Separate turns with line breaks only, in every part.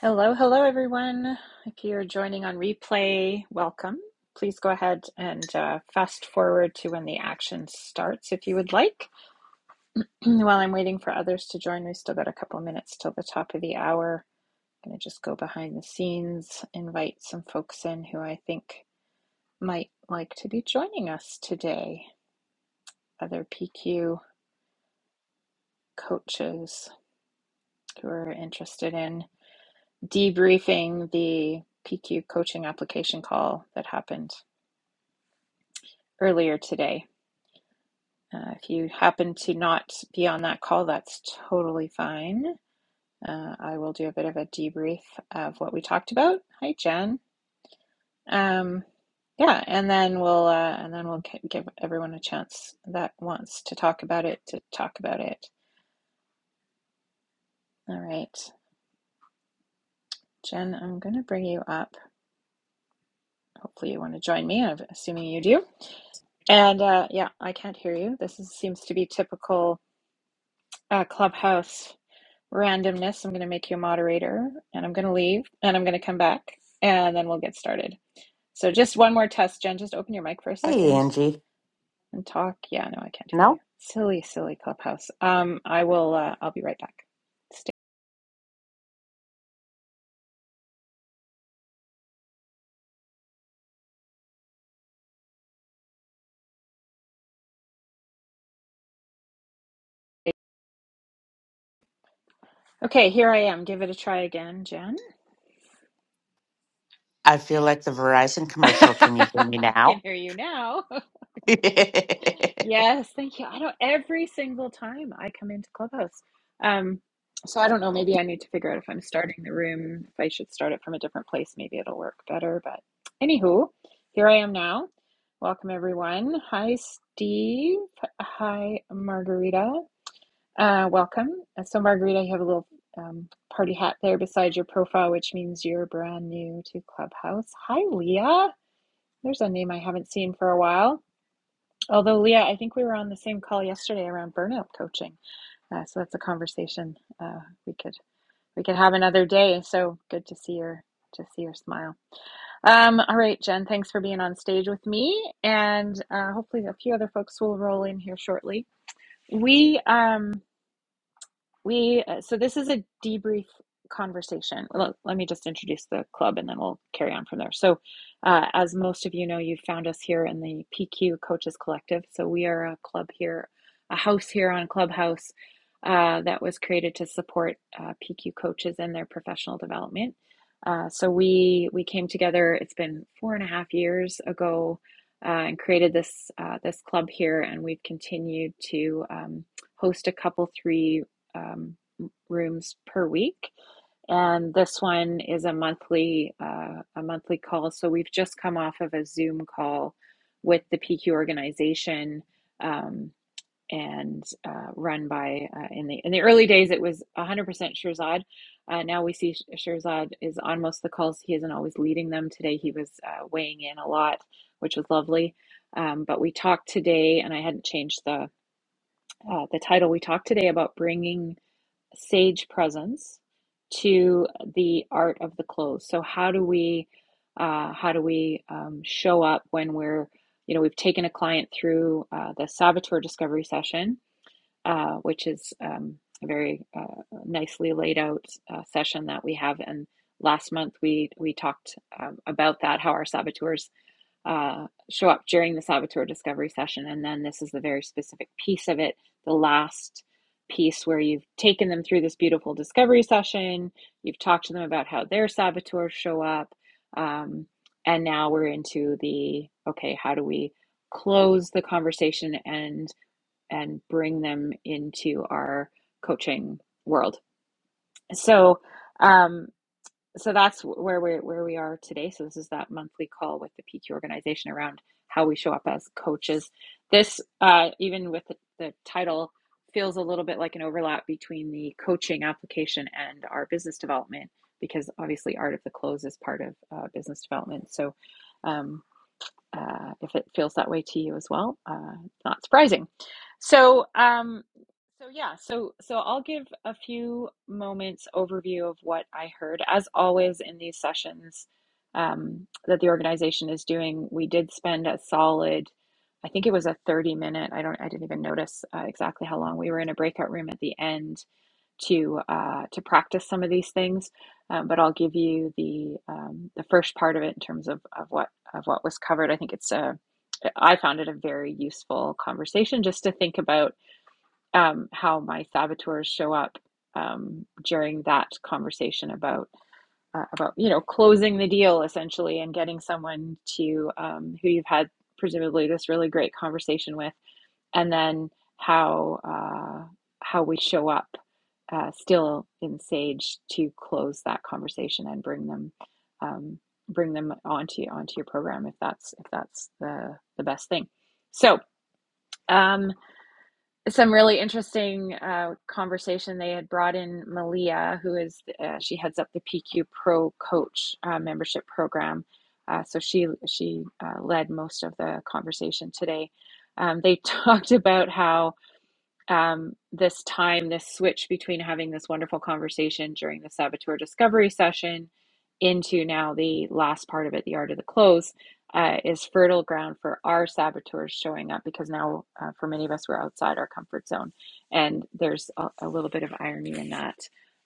Hello, hello, everyone. If you're joining on replay, welcome. Please go ahead and uh, fast forward to when the action starts if you would like. While I'm waiting for others to join, we still got a couple minutes till the top of the hour. I'm going to just go behind the scenes, invite some folks in who I think might like to be joining us today, other PQ coaches who are interested in debriefing the PQ coaching application call that happened earlier today. Uh, if you happen to not be on that call, that's totally fine. Uh, I will do a bit of a debrief of what we talked about. Hi, Jen. Um, yeah, and then we'll uh, and then we'll give everyone a chance that wants to talk about it to talk about it. All right, Jen, I'm going to bring you up. Hopefully, you want to join me. I'm assuming you do. And uh, yeah, I can't hear you. This is, seems to be typical uh, clubhouse randomness. I'm going to make you a moderator and I'm going to leave and I'm going to come back and then we'll get started. So, just one more test, Jen. Just open your mic for a
Hey,
second
Angie.
and talk. Yeah, no, I can't hear
No,
you. Silly, silly clubhouse. Um, I will, uh, I'll be right back. Stay. Okay, here I am. Give it a try again, Jen.
I feel like the Verizon commercial. Can you hear me
I can
now?
hear you now. Yes, thank you. I don't every single time I come into Clubhouse. Um, so I don't know, maybe I need to figure out if I'm starting the room, if I should start it from a different place, maybe it'll work better. But anywho, here I am now. Welcome everyone. Hi Steve. Hi Margarita. Uh, welcome. Uh, So Margarita, you have a little um, party hat there beside your profile, which means you're brand new to Clubhouse. Hi Leah. There's a name I haven't seen for a while. Although, Leah, I think we were on the same call yesterday around burnout coaching. Uh, so that's a conversation uh, we could we could have another day. So good to see your to see your smile. Um, all right, Jen, thanks for being on stage with me, and uh, hopefully a few other folks will roll in here shortly. We um, we uh, so this is a debrief conversation. Let, let me just introduce the club and then we'll carry on from there. So, uh, as most of you know, you have found us here in the PQ Coaches Collective. So we are a club here, a house here on Clubhouse uh, that was created to support uh, PQ coaches in their professional development. Uh, so we we came together. It's been four and a half years ago. Uh, and created this uh, this club here, and we've continued to um, host a couple three um, rooms per week and this one is a monthly uh, a monthly call so we've just come off of a zoom call with the pq organization um, and uh, run by uh, in the in the early days it was 100% shirzad uh, now we see Sh- shirzad is on most of the calls he isn't always leading them today he was uh, weighing in a lot which was lovely um, but we talked today and i hadn't changed the uh, the title we talked today about bringing sage presence to the art of the clothes. So how do we uh, how do we um, show up when we're you know we've taken a client through uh, the saboteur discovery session, uh, which is um, a very uh, nicely laid out uh, session that we have. And last month we we talked um, about that how our saboteurs uh, show up during the saboteur discovery session. And then this is the very specific piece of it, the last piece where you've taken them through this beautiful discovery session, you've talked to them about how their saboteurs show up. Um, and now we're into the okay, how do we close the conversation and and bring them into our coaching world? So, um, so that's where we where we are today. So this is that monthly call with the PQ organization around how we show up as coaches. This uh, even with the, the title feels a little bit like an overlap between the coaching application and our business development because obviously art of the close is part of uh, business development. So. Um, uh, if it feels that way to you as well. Uh, not surprising. So, um, so yeah, so so I'll give a few moments overview of what I heard. As always in these sessions um, that the organization is doing, we did spend a solid, I think it was a thirty minute. I don't, I didn't even notice uh, exactly how long we were in a breakout room at the end to uh, to practice some of these things. Um, but I'll give you the um, the first part of it in terms of of what of what was covered. I think it's a I found it a very useful conversation just to think about um, how my saboteurs show up um, during that conversation about uh, about you know closing the deal essentially and getting someone to um, who you've had presumably this really great conversation with and then how uh, how we show up uh, still in sage to close that conversation and bring them um, bring them onto onto your program if that's if that's the the best thing so um, some really interesting uh, conversation they had brought in malia who is uh, she heads up the pq pro coach uh, membership program uh, so she she uh, led most of the conversation today um, they talked about how um, this time, this switch between having this wonderful conversation during the saboteur discovery session into now the last part of it, the art of the close, uh, is fertile ground for our saboteurs showing up because now, uh, for many of us, we're outside our comfort zone. And there's a, a little bit of irony in that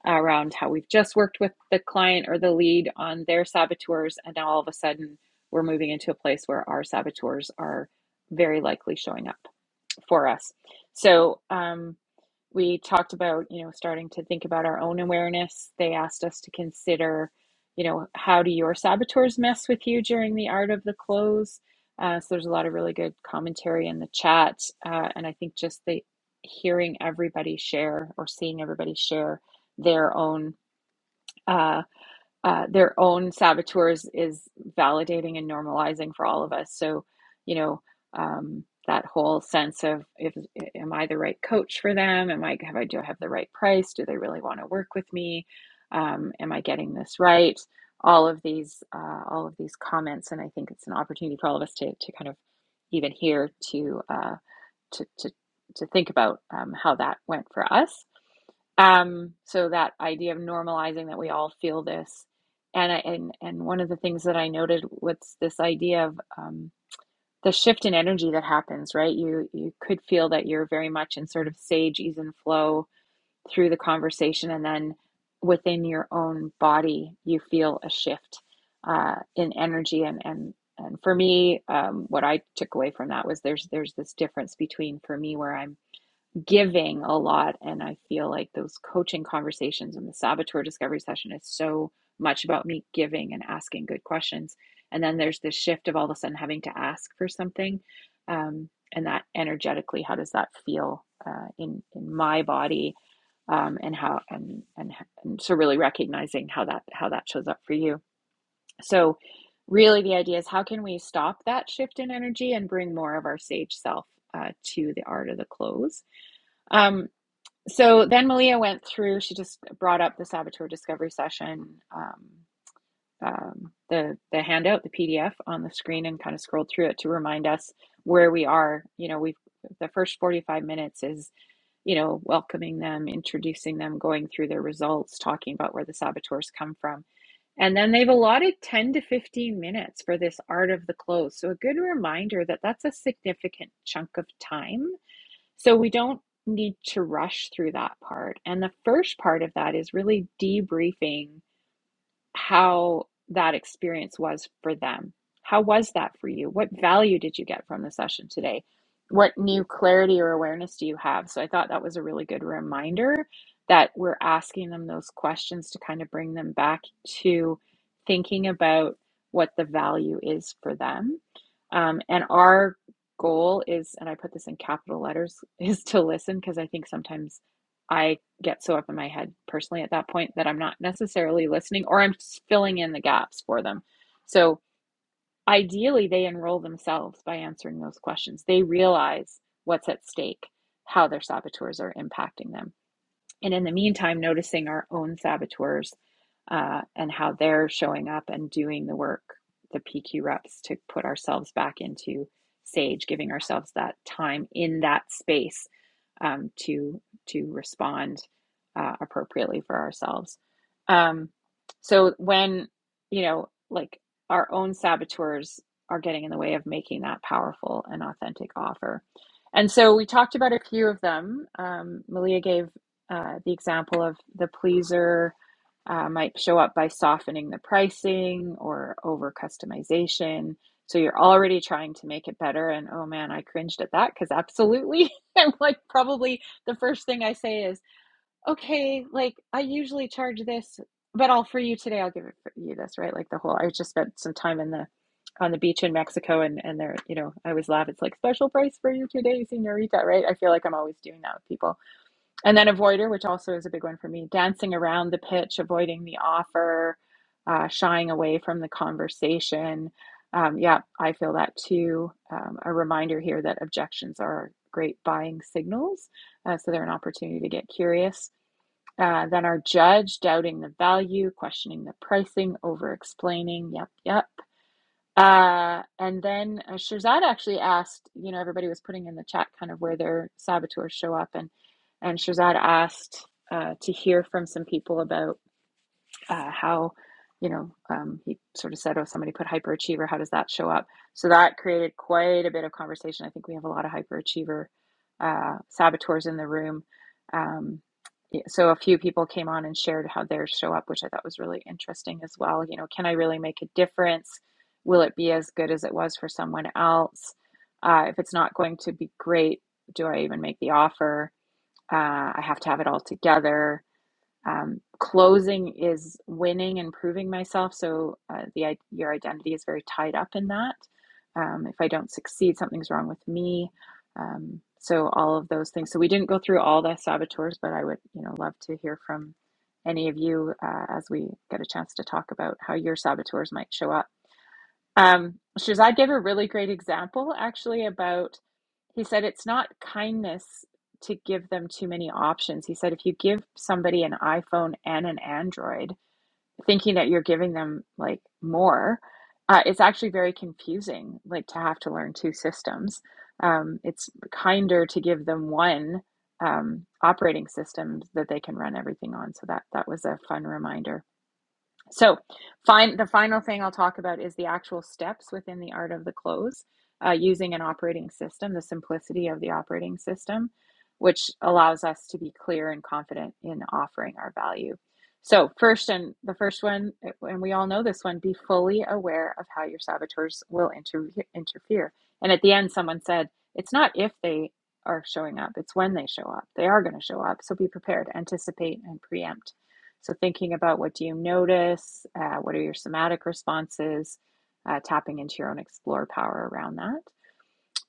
around how we've just worked with the client or the lead on their saboteurs. And now all of a sudden, we're moving into a place where our saboteurs are very likely showing up for us. So um, we talked about, you know, starting to think about our own awareness. They asked us to consider, you know, how do your saboteurs mess with you during the art of the close? Uh, so there's a lot of really good commentary in the chat, uh, and I think just the hearing everybody share or seeing everybody share their own. uh, uh, their own saboteurs is validating and normalizing for all of us. So, you know, um, that whole sense of if am I the right coach for them? Am I have I do I have the right price? Do they really want to work with me? Um, am I getting this right? All of these, uh, all of these comments, and I think it's an opportunity for all of us to to kind of even here to uh, to to to think about um, how that went for us um, so that idea of normalizing that we all feel this, and I, and and one of the things that I noted was this idea of um, the shift in energy that happens. Right, you you could feel that you're very much in sort of sage, ease, and flow through the conversation, and then within your own body, you feel a shift uh, in energy. And and and for me, um, what I took away from that was there's there's this difference between for me where I'm giving a lot and i feel like those coaching conversations and the saboteur discovery session is so much about me giving and asking good questions and then there's this shift of all of a sudden having to ask for something um, and that energetically how does that feel uh, in in my body um, and how and, and and so really recognizing how that how that shows up for you so really the idea is how can we stop that shift in energy and bring more of our sage self uh, to the art of the close Um, so then Malia went through. She just brought up the saboteur discovery session, um, um, the the handout, the PDF on the screen, and kind of scrolled through it to remind us where we are. You know, we've the first forty five minutes is you know welcoming them, introducing them, going through their results, talking about where the saboteurs come from, and then they've allotted ten to fifteen minutes for this art of the close. So a good reminder that that's a significant chunk of time so we don't need to rush through that part. And the first part of that is really debriefing how that experience was for them. How was that for you? What value did you get from the session today? What new clarity or awareness do you have? So I thought that was a really good reminder that we're asking them those questions to kind of bring them back to thinking about what the value is for them. Um, and our goal is, and I put this in capital letters, is to listen because I think sometimes I get so up in my head personally at that point that I'm not necessarily listening or I'm filling in the gaps for them. So ideally, they enroll themselves by answering those questions. They realize what's at stake, how their saboteurs are impacting them and in the meantime, noticing our own saboteurs uh, and how they're showing up and doing the work, the PQ reps to put ourselves back into sage, giving ourselves that time in that space um, to to respond uh, appropriately for ourselves. Um, so when you know, like our own saboteurs are getting in the way of making that powerful and authentic offer. And so we talked about a few of them. Um, Malia gave uh, the example of the pleaser uh, might show up by softening the pricing or over customization. So you're already trying to make it better. And oh man, I cringed at that because absolutely. I'm like, probably the first thing I say is, okay, like I usually charge this, but I'll for you today, I'll give it for you this, right? Like the whole, I just spent some time in the on the beach in Mexico and and there, you know, I always laugh. It's like special price for you today, señorita, right? I feel like I'm always doing that with people and then avoider, which also is a big one for me, dancing around the pitch, avoiding the offer, uh, shying away from the conversation. Um, yeah, I feel that too. Um, a reminder here that objections are great buying signals, uh, so they're an opportunity to get curious. Uh, then our judge, doubting the value, questioning the pricing, over explaining. Yep, yep uh, and then uh, Shirzad actually asked, you know, everybody was putting in the chat kind of where their saboteurs show up, and and Shirzad asked uh, to hear from some people about uh, how you know um, he sort of said oh somebody put hyperachiever how does that show up so that created quite a bit of conversation i think we have a lot of hyperachiever uh, saboteurs in the room um, yeah, so a few people came on and shared how theirs show up which i thought was really interesting as well you know can i really make a difference will it be as good as it was for someone else uh, if it's not going to be great do i even make the offer uh, i have to have it all together um, closing is winning and proving myself. So uh, the your identity is very tied up in that. Um, if I don't succeed, something's wrong with me. Um, so all of those things. So we didn't go through all the saboteurs, but I would you know love to hear from any of you uh, as we get a chance to talk about how your saboteurs might show up um, Shazad gave a really great example actually about, he said it's not kindness to give them too many options. He said if you give somebody an iPhone and an Android, thinking that you're giving them like more, uh, it's actually very confusing, like to have to learn two systems. Um, it's kinder to give them one um, operating system that they can run everything on. So that that was a fun reminder. So, fine, the final thing I'll talk about is the actual steps within the art of the close uh, using an operating system, the simplicity of the operating system, which allows us to be clear and confident in offering our value. So, first and the first one, and we all know this one, be fully aware of how your saboteurs will inter- interfere. And at the end, someone said, it's not if they are showing up, it's when they show up. They are going to show up. So, be prepared, anticipate, and preempt. So, thinking about what do you notice, uh, what are your somatic responses, uh, tapping into your own explore power around that.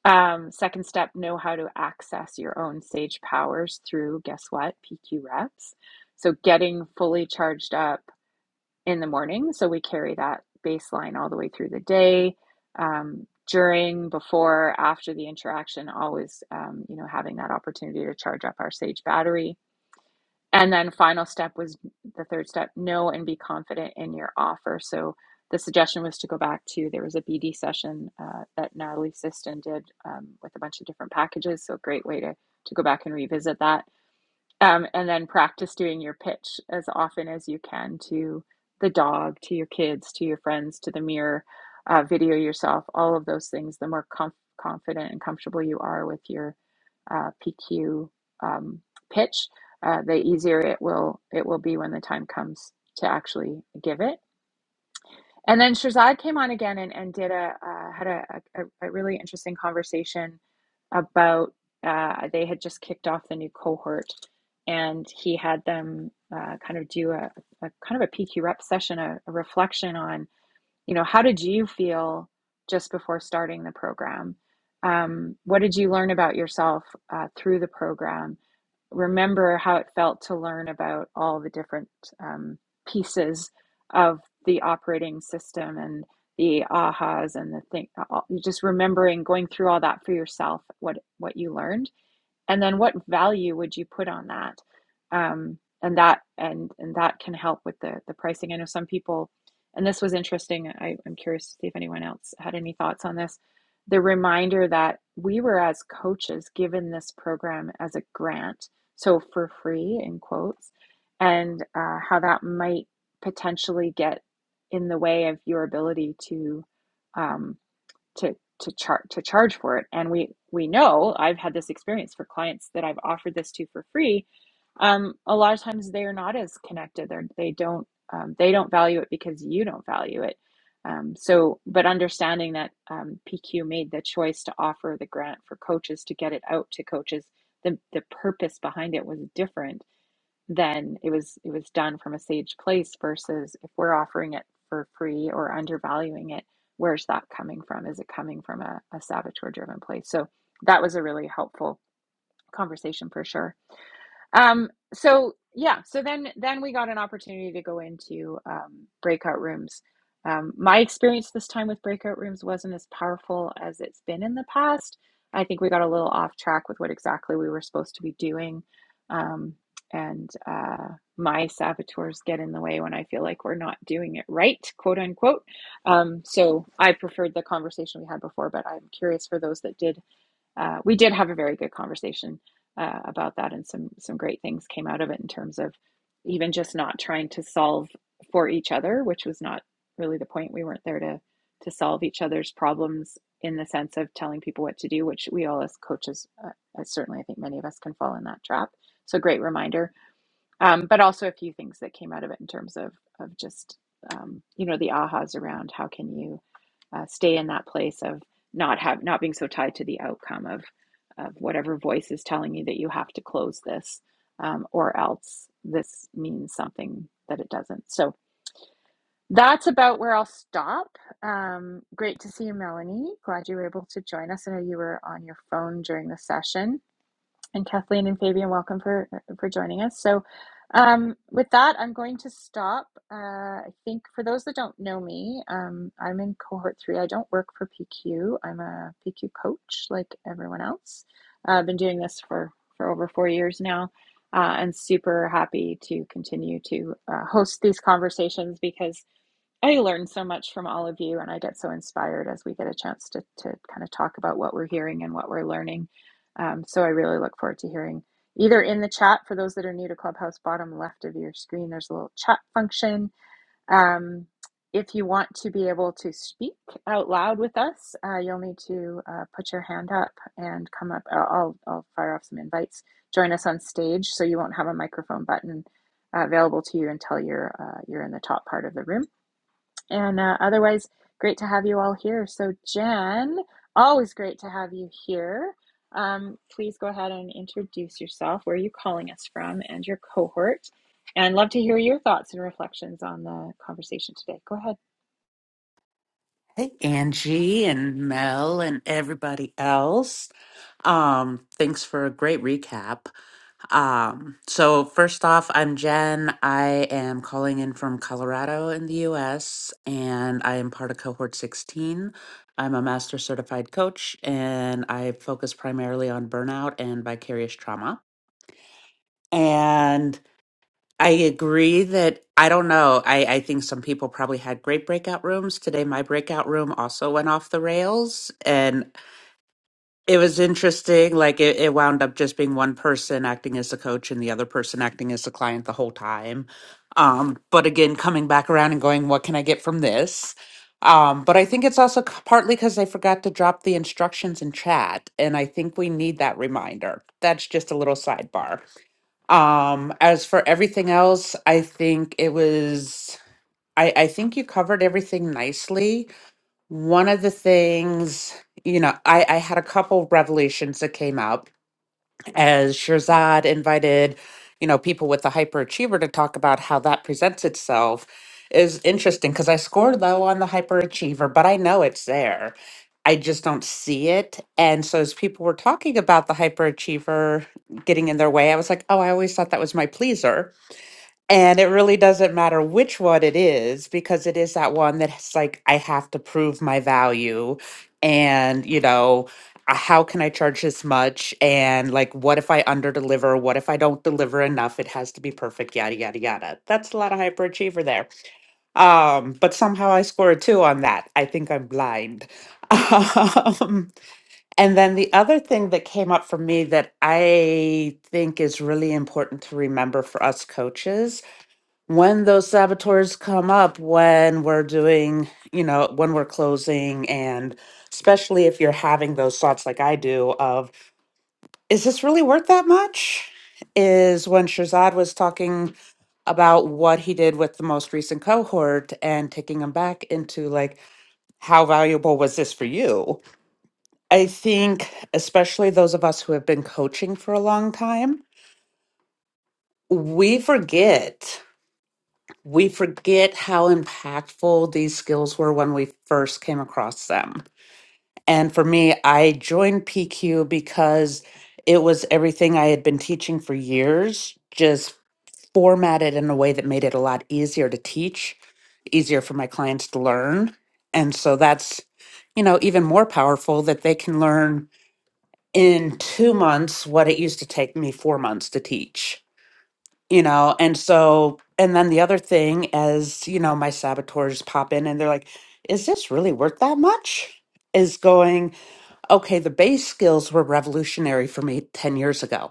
Um, second step, know how to access your own sage powers through, guess what, PQ reps. So, getting fully charged up in the morning. So, we carry that baseline all the way through the day. Um, during, before, after the interaction, always, um, you know, having that opportunity to charge up our sage battery and then final step was the third step, know and be confident in your offer. So the suggestion was to go back to there was a BD session uh, that Natalie Siston did um, with a bunch of different packages. So a great way to to go back and revisit that um, and then practice doing your pitch as often as you can to the dog, to your kids, to your friends, to the mirror, uh, video yourself, all of those things. The more comf- confident and comfortable you are with your uh, PQ um, pitch, uh, the easier it will it will be when the time comes to actually give it. And then Shirzad came on again and, and did a uh, had a, a, a really interesting conversation about uh, they had just kicked off the new cohort, and he had them uh, kind of do a, a kind of a PQ rep session, a, a reflection on you know how did you feel just before starting the program um, what did you learn about yourself uh, through the program remember how it felt to learn about all the different um, pieces of the operating system and the ahas and the thing just remembering going through all that for yourself what what you learned and then what value would you put on that um, and that and and that can help with the the pricing i know some people and this was interesting I, i'm curious to see if anyone else had any thoughts on this the reminder that we were as coaches given this program as a grant so for free in quotes and uh, how that might potentially get in the way of your ability to um, to to charge to charge for it and we we know i've had this experience for clients that i've offered this to for free um, a lot of times they are not as connected They're, they don't um, they don't value it because you don't value it um, so but understanding that um, pq made the choice to offer the grant for coaches to get it out to coaches the, the purpose behind it was different then it was it was done from a sage place versus if we're offering it for free or undervaluing it where's that coming from is it coming from a, a saboteur driven place so that was a really helpful conversation for sure um, so yeah, so then then we got an opportunity to go into um, breakout rooms. Um, my experience this time with breakout rooms wasn't as powerful as it's been in the past. I think we got a little off track with what exactly we were supposed to be doing, um, and uh, my saboteurs get in the way when I feel like we're not doing it right, quote unquote. Um, so I preferred the conversation we had before, but I'm curious for those that did uh, we did have a very good conversation uh, about that, and some some great things came out of it in terms of even just not trying to solve for each other, which was not really the point. We weren't there to to solve each other's problems in the sense of telling people what to do, which we all as coaches, uh, as certainly I think many of us can fall in that trap. So great reminder, um, but also a few things that came out of it in terms of of just um, you know the ahas around how can you uh, stay in that place of not have not being so tied to the outcome of of whatever voice is telling you that you have to close this um, or else this means something that it doesn't so that's about where i'll stop um, great to see you melanie glad you were able to join us i know you were on your phone during the session and Kathleen and Fabian, welcome for for joining us. So, um, with that, I'm going to stop. Uh, I think for those that don't know me, um, I'm in cohort three. I don't work for PQ. I'm a PQ coach, like everyone else. Uh, I've been doing this for for over four years now, uh, and super happy to continue to uh, host these conversations because I learn so much from all of you, and I get so inspired as we get a chance to, to kind of talk about what we're hearing and what we're learning. Um, so I really look forward to hearing either in the chat for those that are new to Clubhouse, bottom left of your screen, there's a little chat function. Um, if you want to be able to speak out loud with us, uh, you'll need to uh, put your hand up and come up. I'll, I'll fire off some invites. Join us on stage so you won't have a microphone button uh, available to you until you're uh, you're in the top part of the room. And uh, otherwise, great to have you all here. So, Jen, always great to have you here. Um, please go ahead and introduce yourself, where you're calling us from, and your cohort. And love to hear your thoughts and reflections on the conversation today. Go ahead.
Hey, Angie and Mel and everybody else. Um, thanks for a great recap. Um, so first off, I'm Jen. I am calling in from Colorado in the US, and I am part of cohort 16. I'm a master certified coach, and I focus primarily on burnout and vicarious trauma. And I agree that I don't know. I, I think some people probably had great breakout rooms. Today, my breakout room also went off the rails, and it was interesting. Like it, it wound up just being one person acting as the coach and the other person acting as the client the whole time. Um, but again, coming back around and going, what can I get from this? Um, but I think it's also c- partly because I forgot to drop the instructions in chat, and I think we need that reminder. That's just a little sidebar. Um, as for everything else, I think it was, I, I think you covered everything nicely. One of the things, you know, I, I had a couple revelations that came out as Shirzad invited, you know, people with the hyperachiever to talk about how that presents itself is interesting because I scored low on the hyperachiever, but I know it's there. I just don't see it. And so as people were talking about the hyperachiever getting in their way, I was like, oh, I always thought that was my pleaser and it really doesn't matter which one it is because it is that one that's like, I have to prove my value. And, you know, uh, how can I charge this much? And like, what if I underdeliver? What if I don't deliver enough? It has to be perfect, yada, yada, yada. That's a lot of hyperachiever there. Um, but somehow I scored a two on that. I think I'm blind. Um, and then the other thing that came up for me that I think is really important to remember for us coaches when those saboteurs come up when we're doing you know when we're closing and especially if you're having those thoughts like i do of is this really worth that much is when shazad was talking about what he did with the most recent cohort and taking him back into like how valuable was this for you i think especially those of us who have been coaching for a long time we forget we forget how impactful these skills were when we first came across them. And for me, I joined PQ because it was everything I had been teaching for years, just formatted in a way that made it a lot easier to teach, easier for my clients to learn. And so that's, you know, even more powerful that they can learn in two months what it used to take me four months to teach you know and so and then the other thing as you know my saboteurs pop in and they're like is this really worth that much is going okay the base skills were revolutionary for me 10 years ago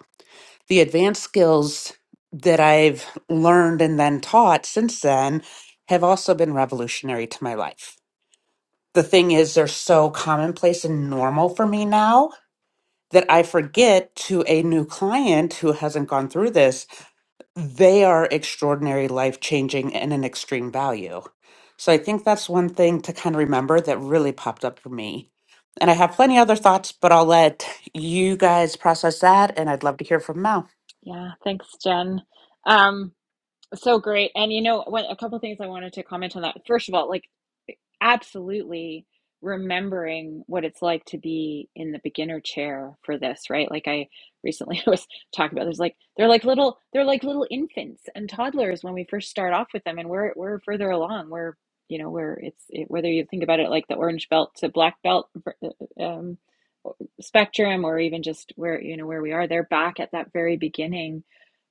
the advanced skills that i've learned and then taught since then have also been revolutionary to my life the thing is they're so commonplace and normal for me now that i forget to a new client who hasn't gone through this they are extraordinary, life changing, and an extreme value. So I think that's one thing to kind of remember that really popped up for me. And I have plenty other thoughts, but I'll let you guys process that. And I'd love to hear from Mel.
Yeah, thanks, Jen. Um, So great. And you know, what a couple of things I wanted to comment on that. First of all, like absolutely remembering what it's like to be in the beginner chair for this, right? Like I recently I was talking about there's like they're like little they're like little infants and toddlers when we first start off with them and we're we're further along. We're you know, we're it's it, whether you think about it like the orange belt to black belt um, spectrum or even just where you know where we are, they're back at that very beginning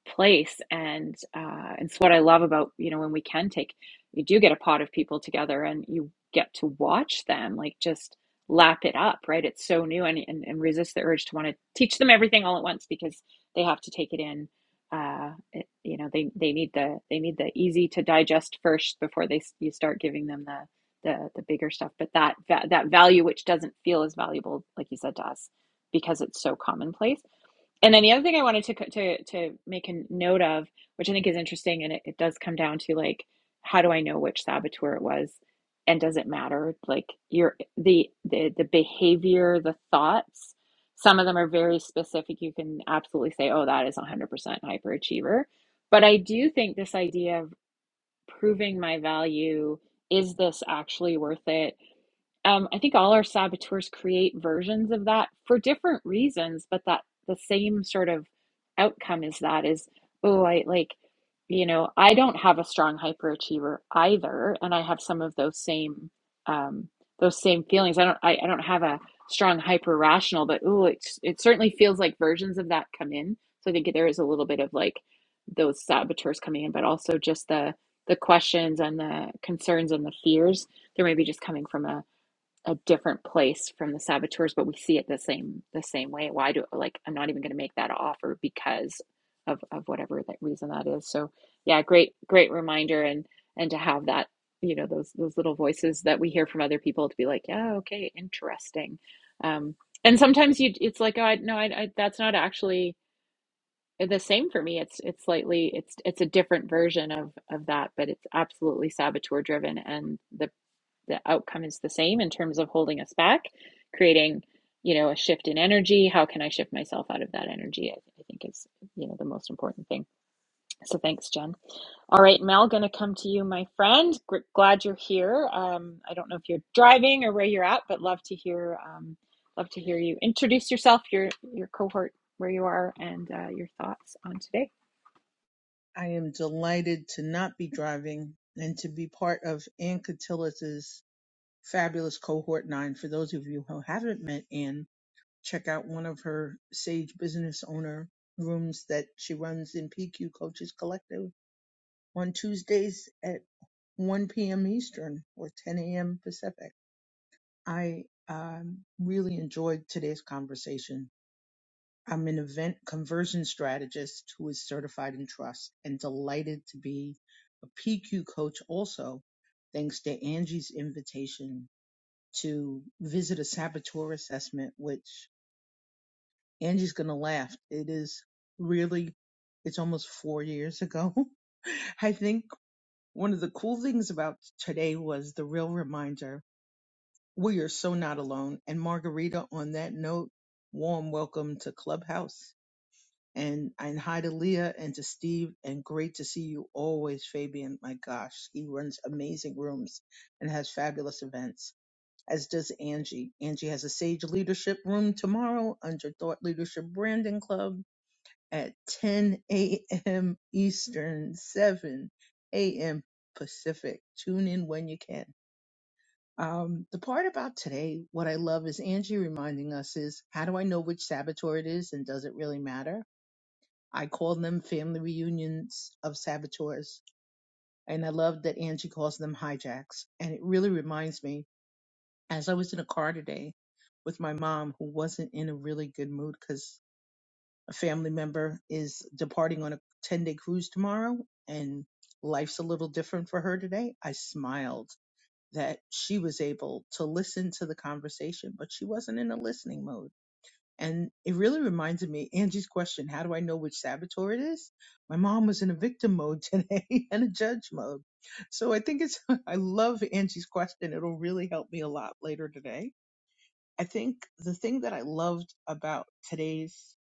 place and uh, it's what i love about you know when we can take you do get a pot of people together and you get to watch them like just lap it up right it's so new and, and, and resist the urge to want to teach them everything all at once because they have to take it in uh, it- you know they, they need the they need the easy to digest first before they you start giving them the the, the bigger stuff but that that value which doesn't feel as valuable like you said to us because it's so commonplace and then the other thing I wanted to to to make a note of, which I think is interesting, and it, it does come down to like, how do I know which saboteur it was, and does it matter? Like your the the the behavior, the thoughts. Some of them are very specific. You can absolutely say, "Oh, that is 100% hyperachiever." But I do think this idea of proving my value, is this actually worth it? um, I think all our saboteurs create versions of that for different reasons, but that the same sort of outcome is that is, oh, I like, you know, I don't have a strong hyperachiever either, and I have some of those same um, those same feelings. I don't I, I don't have a strong hyper rational, but oh, it's it certainly feels like versions of that come in. So I think there is a little bit of like those saboteurs coming in, but also just the the questions and the concerns and the fears. They're maybe just coming from a a different place from the saboteurs, but we see it the same the same way. Why do like I'm not even going to make that offer because of of whatever that reason that is. So yeah, great great reminder and and to have that you know those those little voices that we hear from other people to be like yeah okay interesting, um, and sometimes you it's like oh I, no I, I that's not actually the same for me. It's it's slightly it's it's a different version of of that, but it's absolutely saboteur driven and the the outcome is the same in terms of holding us back, creating, you know, a shift in energy. How can I shift myself out of that energy? I, I think is, you know, the most important thing. So thanks, Jen. All right, Mel, going to come to you, my friend. Gr- glad you're here. Um, I don't know if you're driving or where you're at, but love to hear, um, love to hear you introduce yourself, your your cohort, where you are, and uh, your thoughts on today.
I am delighted to not be driving and to be part of Ann Catillus' fabulous cohort nine. For those of you who haven't met Ann, check out one of her Sage Business Owner rooms that she runs in PQ Coaches Collective on Tuesdays at 1 p.m. Eastern or 10 a.m. Pacific. I um, really enjoyed today's conversation I'm an event conversion strategist who is certified in trust and delighted to be a PQ coach also, thanks to Angie's invitation to visit a saboteur assessment, which Angie's going to laugh. It is really, it's almost four years ago. I think one of the cool things about today was the real reminder we are so not alone. And Margarita, on that note, warm welcome to Clubhouse. and and hi to Leah and to Steve and great to see you always, Fabian. My gosh, he runs amazing rooms and has fabulous events, as does Angie. Angie has a Sage Leadership Room tomorrow under Thought Leadership Branding Club at 10 a.m. Eastern, 7 a.m. Pacific. Tune in when you can. Um, the part about today, what I love is Angie reminding us is how do I know which saboteur it is and does it really matter? I call them family reunions of saboteurs. And I love that Angie calls them hijacks. And it really reminds me, as I was in a car today with my mom, who wasn't in a really good mood because a family member is departing on a 10 day cruise tomorrow and life's a little different for her today. I smiled that she was able to listen to the conversation, but she wasn't in a listening mode and it really reminded me Angie's question, how do I know which saboteur it is? My mom was in a victim mode today and a judge mode. So I think it's I love Angie's question. It'll really help me a lot later today. I think the thing that I loved about today's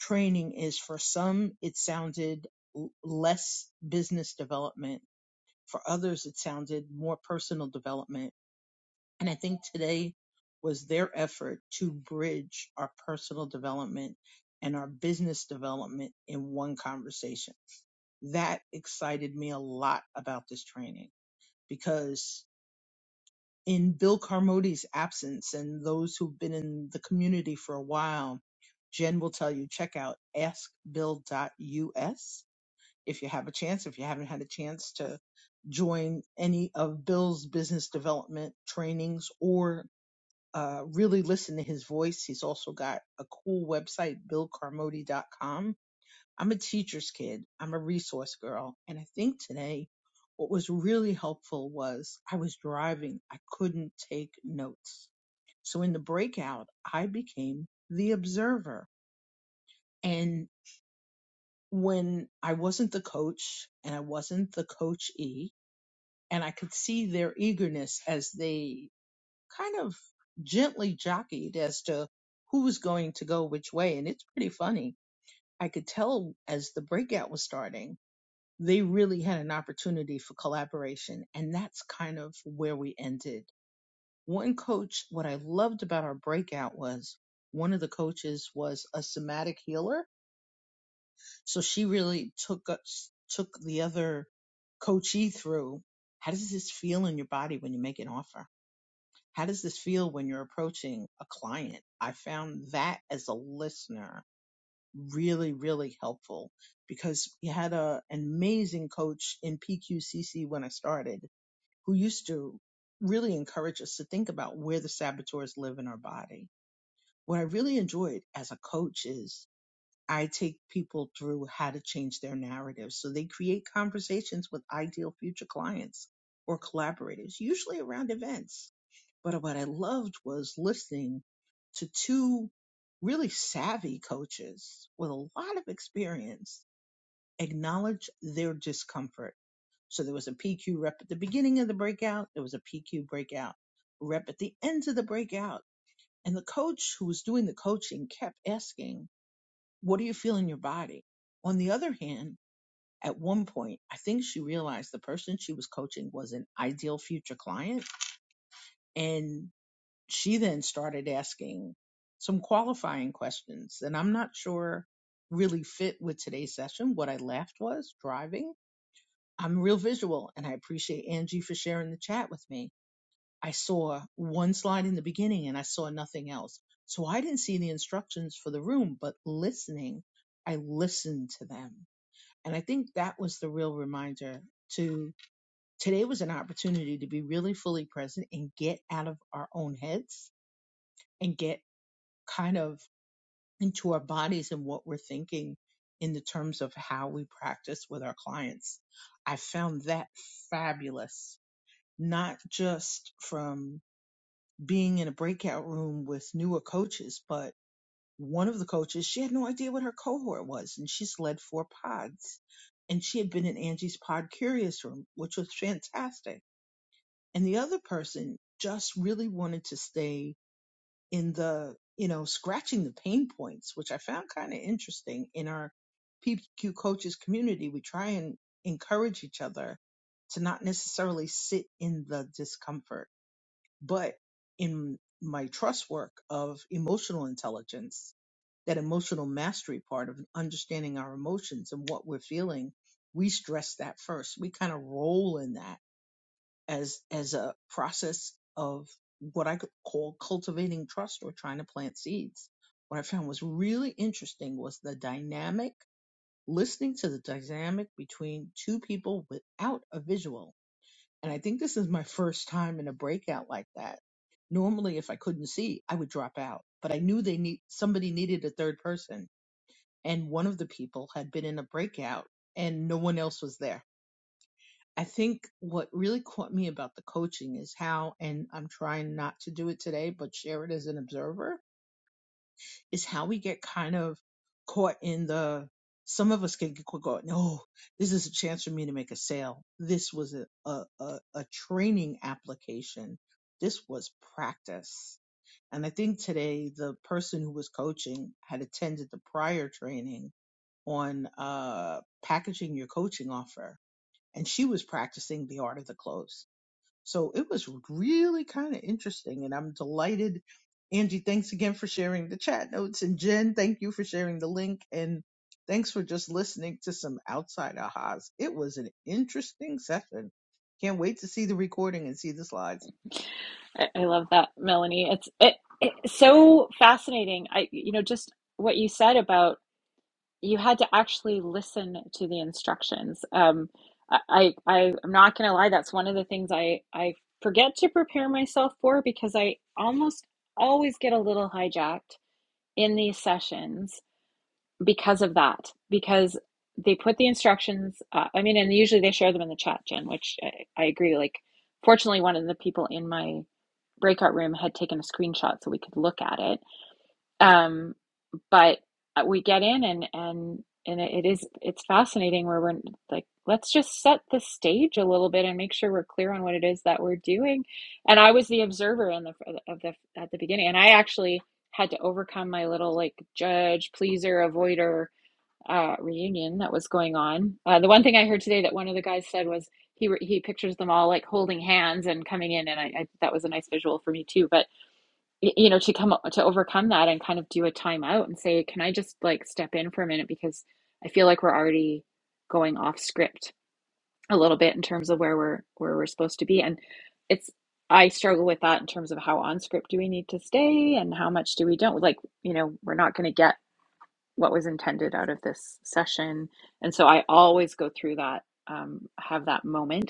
training is for some it sounded l- less business development. For others it sounded more personal development and I think today was their effort to bridge our personal development and our business development in one conversation. That excited me a lot about this training because in Bill Carmody's absence and those who've been in the community for a while, Jen will tell you check out askbill.us if you have a chance, if you haven't had a chance to join any of Bill's business development trainings or uh, really listen to his voice. He's also got a cool website, BillCarmody.com. I'm a teacher's kid. I'm a resource girl. And I think today what was really helpful was I was driving. I couldn't take notes. So in the breakout, I became the observer. And when I wasn't the coach and I wasn't the coachee, and I could see their eagerness as they kind of gently jockeyed as to who was going to go which way. And it's pretty funny. I could tell as the breakout was starting, they really had an opportunity for collaboration. And that's kind of where we ended. One coach, what I loved about our breakout was one of the coaches was a somatic healer. So she really took us, took the other coachee through how does this feel in your body when you make an offer? How does this feel when you're approaching a client? I found that as a listener really, really helpful because we had a, an amazing coach in PQCC when I started who used to really encourage us to think about where the saboteurs live in our body. What I really enjoyed as a coach is I take people through how to change their narrative. So they create conversations with ideal future clients or collaborators, usually around events but what I loved was listening to two really savvy coaches with a lot of experience acknowledge their discomfort. So there was a PQ rep at the beginning of the breakout. There was a PQ breakout rep at the end of the breakout. And the coach who was doing the coaching kept asking, what do you feel in your body? On the other hand, at one point, I think she realized the person she was coaching was an ideal future client. And she then started asking some qualifying questions and I'm not sure really fit with today's session. What I left was driving. I'm real visual and I appreciate Angie for sharing the chat with me. I saw one slide in the beginning and I saw nothing else. So I didn't see the instructions for the room, but listening, I listened to them. And I think that was the real reminder to today was an opportunity to be really fully present and get out of our own heads and get kind of into our bodies and what we're thinking in the terms of how we practice with our clients. I found that fabulous, not just from being in a breakout room with newer coaches, but one of the coaches, she had no idea what her cohort was and she's led four pods and she had been in Angie's pod curious room, which was fantastic. And the other person just really wanted to stay in the you know scratching the pain points which i found kind of interesting in our pq coaches community we try and encourage each other to not necessarily sit in the discomfort but in my trust work of emotional intelligence that emotional mastery part of understanding our emotions and what we're feeling we stress that first we kind of roll in that as as a process of what I could call cultivating trust or trying to plant seeds. What I found was really interesting was the dynamic, listening to the dynamic between two people without a visual. And I think this is my first time in a breakout like that. Normally, if I couldn't see, I would drop out, but I knew they need somebody needed a third person. And one of the people had been in a breakout and no one else was there I think what really caught me about the coaching is how, and I'm trying not to do it today, but share it as an observer, is how we get kind of caught in the, some of us can get caught, oh, this is a chance for me to make a sale. This was a, a, a, a training application. This was practice. And I think today the person who was coaching had attended the prior training on uh, packaging your coaching offer. And she was practicing the art of the close so it was really kind of interesting, and I'm delighted. Angie, thanks again for sharing the chat notes. And Jen, thank you for sharing the link. And thanks for just listening to some outside ahas. It was an interesting session. Can't wait to see the recording and see the slides.
I, I love that, Melanie. It's it, it's so fascinating. I you know just what you said about you had to actually listen to the instructions. Um, I, I I- am not gonna lie, that's one of the things I I forget to prepare myself for because I almost always get a little hijacked in these sessions because of that. Because they put the instructions, uh, I mean, and usually they share them in the chat, Jen, which I, I agree. Like, fortunately, one of the people in my breakout room had taken a screenshot so we could look at it. Um, but uh, we get in and and and it is it's fascinating where we're like let's just set the stage a little bit and make sure we're clear on what it is that we're doing and i was the observer in the of the at the beginning and i actually had to overcome my little like judge pleaser avoider uh, reunion that was going on uh, the one thing i heard today that one of the guys said was he he pictures them all like holding hands and coming in and I, I that was a nice visual for me too but you know to come to overcome that and kind of do a timeout and say can i just like step in for a minute because i feel like we're already going off script a little bit in terms of where we're where we're supposed to be and it's i struggle with that in terms of how on script do we need to stay and how much do we don't like you know we're not going to get what was intended out of this session and so i always go through that um, have that moment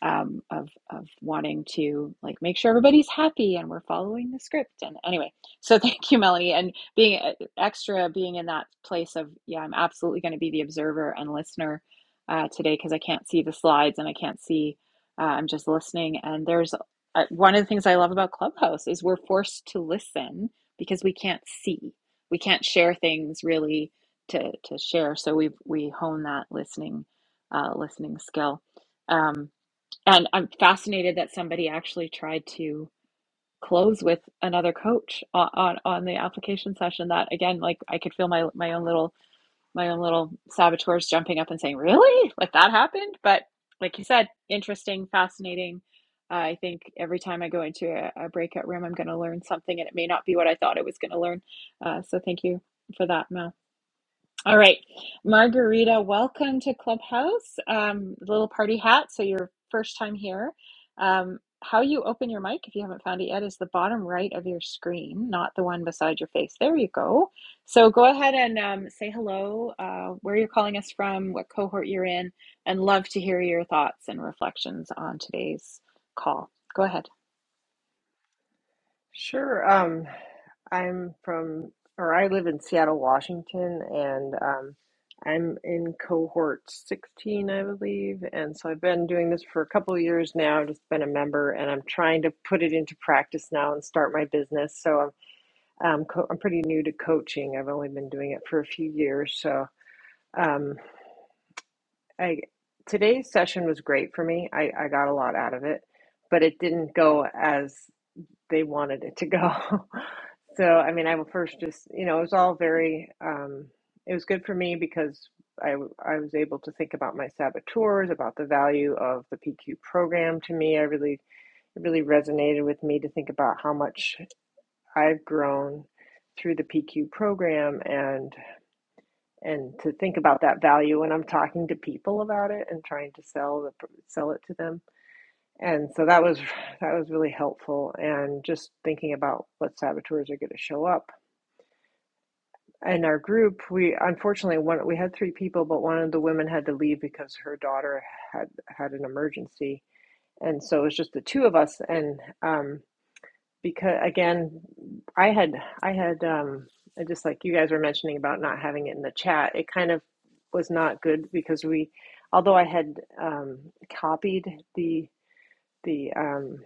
um, of of wanting to like make sure everybody's happy and we're following the script. And anyway, so thank you, Melanie, and being uh, extra, being in that place of yeah, I'm absolutely going to be the observer and listener uh, today because I can't see the slides and I can't see. Uh, I'm just listening, and there's uh, one of the things I love about Clubhouse is we're forced to listen because we can't see, we can't share things really to to share. So we we hone that listening uh, listening skill. Um, and I'm fascinated that somebody actually tried to close with another coach on, on, on the application session. That again, like I could feel my my own little my own little saboteurs jumping up and saying, "Really? Like that happened?" But like you said, interesting, fascinating. Uh, I think every time I go into a, a breakout room, I'm going to learn something, and it may not be what I thought I was going to learn. Uh, so thank you for that, Mel. All right, Margarita, welcome to Clubhouse. Um, little party hat, so your first time here. Um, how you open your mic, if you haven't found it yet, is the bottom right of your screen, not the one beside your face. There you go. So go ahead and um, say hello, uh, where you're calling us from, what cohort you're in, and love to hear your thoughts and reflections on today's call. Go ahead.
Sure. Um, I'm from, or I live in Seattle, Washington, and um, I'm in cohort 16, I believe. And so I've been doing this for a couple of years now, just been a member, and I'm trying to put it into practice now and start my business. So I'm, um, co- I'm pretty new to coaching. I've only been doing it for a few years. So um, I, today's session was great for me. I, I got a lot out of it, but it didn't go as they wanted it to go. so I mean, I will first just you know it was all very um, it was good for me because I w- I was able to think about my saboteurs, about the value of the PQ program to me. I really it really resonated with me to think about how much I've grown through the PQ program and and to think about that value when I'm talking to people about it and trying to sell the sell it to them and so that was that was really helpful and just thinking about what saboteurs are going to show up. In our group, we unfortunately one we had three people, but one of the women had to leave because her daughter had had an emergency. And so it was just the two of us and um because again, I had I had um just like you guys were mentioning about not having it in the chat, it kind of was not good because we although I had um copied the the um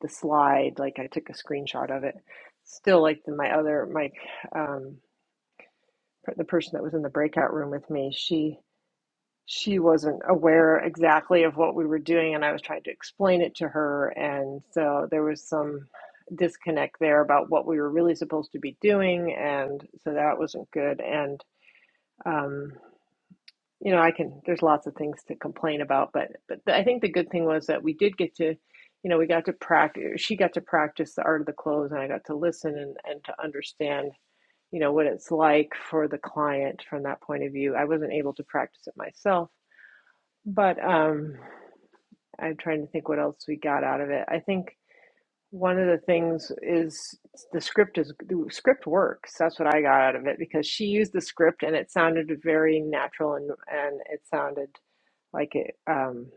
the slide like i took a screenshot of it still like the, my other my um the person that was in the breakout room with me she she wasn't aware exactly of what we were doing and i was trying to explain it to her and so there was some disconnect there about what we were really supposed to be doing and so that wasn't good and um, you know, I can, there's lots of things to complain about, but, but I think the good thing was that we did get to, you know, we got to practice, she got to practice the art of the close and I got to listen and, and to understand, you know, what it's like for the client from that point of view. I wasn't able to practice it myself, but um, I'm trying to think what else we got out of it. I think one of the things is the script is the script works. That's what I got out of it because she used the script and it sounded very natural and, and it sounded like it, um,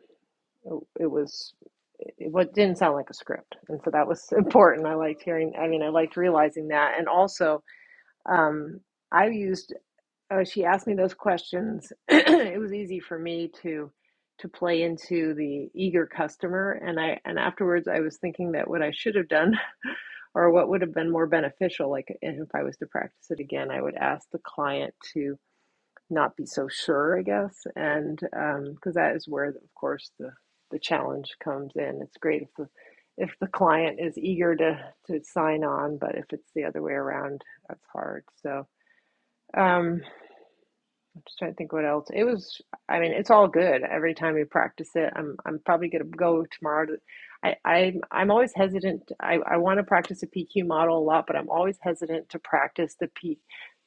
it, was, it, what didn't sound like a script, and so that was important. I liked hearing. I mean, I liked realizing that, and also, um, I used. Uh, she asked me those questions. it was easy for me to to play into the eager customer and i and afterwards i was thinking that what i should have done or what would have been more beneficial like if i was to practice it again i would ask the client to not be so sure, I guess. And because um, that is where, of course, the the challenge comes in. It's great if the if the client is eager to to sign on, but if it's the other way around, that's hard. So. Um, I'm just trying to think what else. It was, I mean, it's all good. Every time we practice it, I'm I'm probably gonna go tomorrow. To, I I'm I'm always hesitant. I I want to practice a PQ model a lot, but I'm always hesitant to practice the P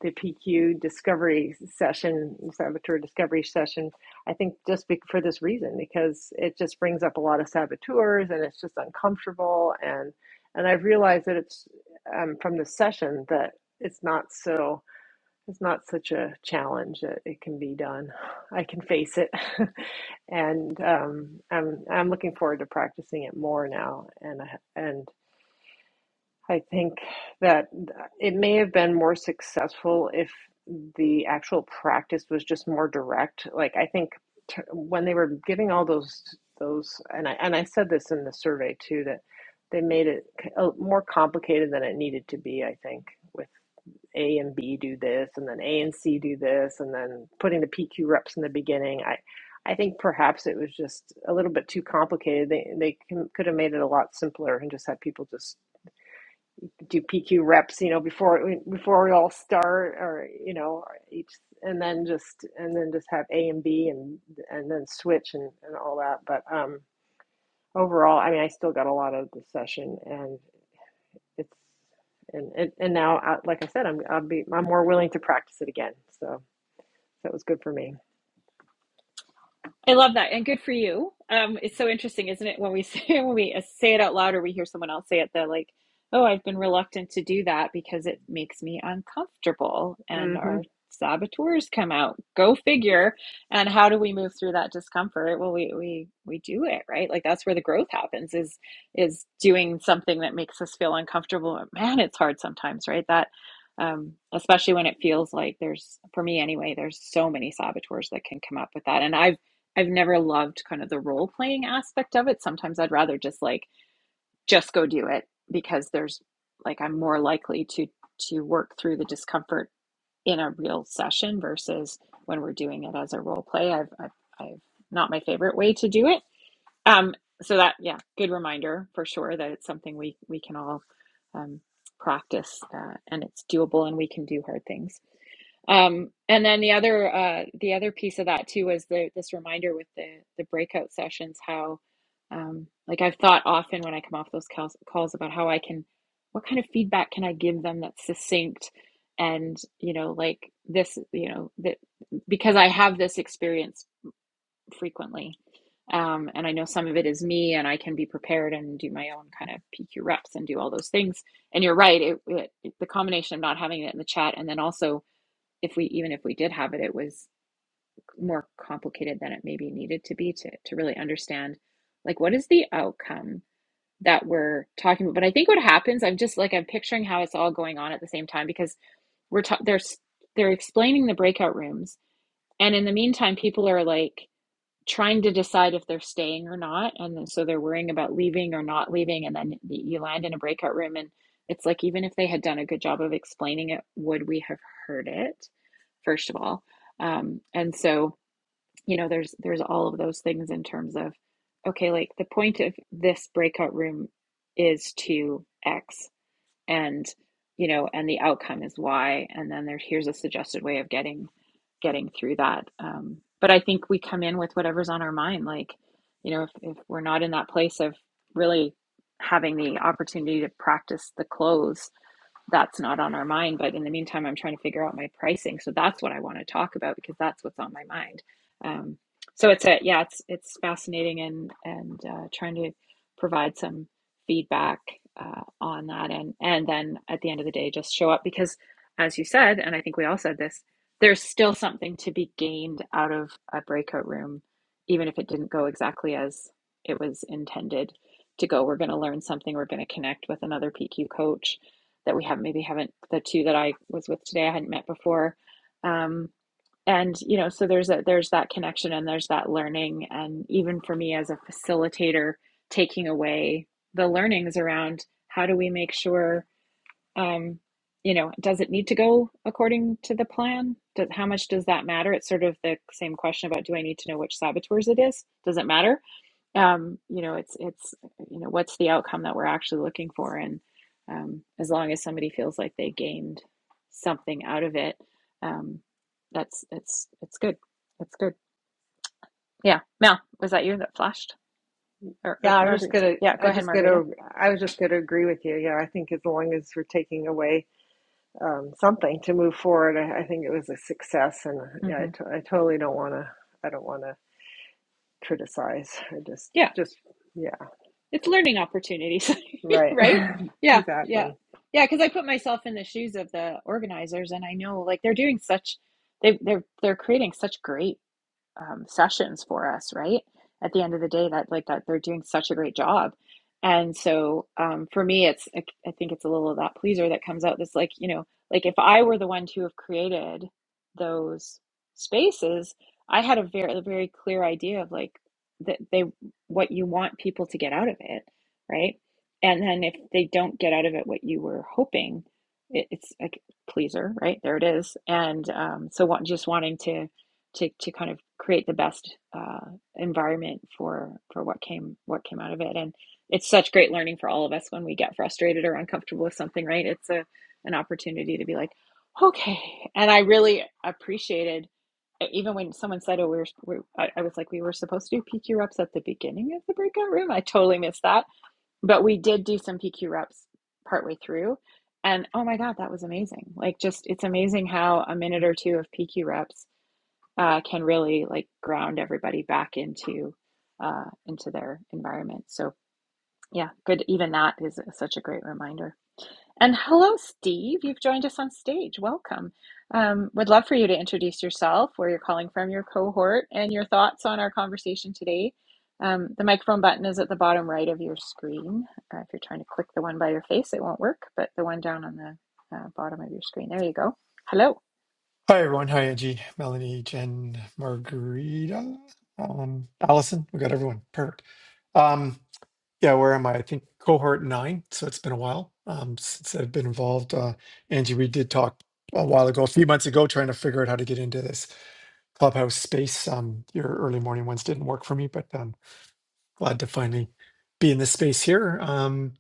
the PQ discovery session, saboteur discovery session. I think just be, for this reason because it just brings up a lot of saboteurs and it's just uncomfortable and and I've realized that it's um, from the session that it's not so it's not such a challenge that it can be done. I can face it, and um, I'm I'm looking forward to practicing it more now. And and I think that it may have been more successful if the actual practice was just more direct. Like I think t- when they were giving all those those, and I and I said this in the survey too that they made it uh, more complicated than it needed to be. I think with a and B do this, and then A and C do this, and then putting the PQ reps in the beginning. I, I think perhaps it was just a little bit too complicated. They they can, could have made it a lot simpler and just had people just do PQ reps, you know, before before we all start, or you know, each and then just and then just have A and B and and then switch and and all that. But um, overall, I mean, I still got a lot out of the session, and it's and and, and now I, like I said I'm I'll be I'm more willing to practice it again so that was good for me
I love that, and good for you. Um, it's so interesting, isn't it? When we say when we uh, say it out loud, or we hear someone else say it, they're like, "Oh, I've been reluctant to do that because it makes me uncomfortable," and
hmm
our saboteurs come out. Go figure. And how do we move through that discomfort? Well, we we we do it right. Like that's where the growth happens. Is is doing something that makes us feel uncomfortable. Man, it's hard sometimes, right? That. Um, especially when it feels like there's, for me anyway, there's so many saboteurs that can come up with that. And I've I've never loved kind of the role playing aspect of it. Sometimes I'd rather just like just go do it because there's like I'm more likely to to work through the discomfort in a real session versus when we're doing it as a role play. I've I've, I've not my favorite way to do it. Um, so that yeah, good reminder for sure that it's something we we can all um, practice uh, and it's doable and we can do hard things. Um, and then the other uh, the other piece of that too was the this reminder with the the breakout sessions how um, like I've thought often when I come off those calls, calls about how I can what kind of feedback can I give them that's succinct and you know like this you know that because I have this experience frequently um, and I know some of it is me and I can be prepared and do my own kind of PQ reps and do all those things and you're right it, it the combination of not having it in the chat and then also if we even if we did have it, it was more complicated than it maybe needed to be to to really understand like what is the outcome that we're talking about. But I think what happens, I'm just like I'm picturing how it's all going on at the same time because we're ta- they're they're explaining the breakout rooms, and in the meantime, people are like trying to decide if they're staying or not. And then, so they're worrying about leaving or not leaving. And then you land in a breakout room, and it's like, even if they had done a good job of explaining it, would we have heard it, first of all? Um, and so, you know, there's there's all of those things in terms of, okay, like the point of this breakout room is to X and you know and the outcome is y and then there here's a suggested way of getting getting through that um, but i think we come in with whatever's on our mind like you know if, if we're not in that place of really having the opportunity to practice the close that's not on our mind. But in the meantime, I'm trying to figure out my pricing. So that's what I want to talk about because that's what's on my mind. Um, so it's a yeah, it's it's fascinating and and uh, trying to provide some feedback uh, on that and and then at the end of the day, just show up because as you said, and I think we all said this, there's still something to be gained out of a breakout room, even if it didn't go exactly as it was intended to go. We're going to learn something. We're going to connect with another PQ coach that we have maybe haven't the two that I was with today I hadn't met before. Um, and you know, so there's a there's that connection and there's that learning and even for me as a facilitator, taking away the learnings around how do we make sure um, you know, does it need to go according to the plan? Does, how much does that matter? It's sort of the same question about do I need to know which saboteurs it is? Does it matter? um, you know, it's it's you know, what's the outcome that we're actually looking for, and um, as long as somebody feels like they gained something out of it, um, that's it's it's good. It's good. Yeah. Mel, was that you that flashed or, or
yeah I was just
Margarita?
gonna
Yeah, go
I
ahead,
just gonna
Margarita.
I was just gonna agree with you yeah I think as long as we're taking away um, something to move forward I, I think it was a success and uh, yeah I,
hmm
to, I totally don't want to I don't want to criticize I just
Yeah,
just yeah
it's learning opportunities,
right
right? Yeah, yeah,
exactly
yeah. Because I put myself in the shoes of the organizers, and I know like they're doing such they they're they're creating such great um, sessions for us, right? At the end of the day, that like that they're doing such a great job. And so um, for me, it's I I think it's a little of that pleaser that comes out. That's like you know, like if I were the one to have created those spaces, I had a very a very clear idea of like that they what you want people to get out of it, right? And then if they don't get out of it what you were hoping, it, it's like pleaser, right? There it is. And um, so what, just wanting to to to kind of create the best uh, environment for for what came what came out of it and it's such great learning for all of us when we get frustrated or uncomfortable with something right it's a an opportunity to be like okay and i really appreciated e, even when someone said oh we were, we, I, I was like we were supposed to do pq reps at the beginning of the breakout room i totally missed that but we did do some pq reps partway through and oh my god that was amazing like just it's amazing how a minute or two of pq reps uh, can really like ground everybody back into uh, into their environment. So yeah, good. Even that is such a great reminder. And hello, Steve. You've joined us on stage. Welcome. Um, would love for you to introduce yourself, where you're calling from, your cohort, and your thoughts on our conversation today. Um, the microphone button is at the bottom right of your screen. Uh, if you're trying to click the one by your face, it won't work, but the one down on the uh, bottom of your screen, there you go. Hello.
Hi everyone. Hi Angie, Melanie, Jen, Margarita, um, Allison. We got everyone. Perfect. Um, yeah, where am I? I think cohort nine. So it's been a while um, since I've been involved. Uh, Angie, we did talk a while ago, a few months ago, trying to figure out how to get into this clubhouse space. Um, your early morning ones didn't work for me, but I'm glad to finally be in this space here. Um,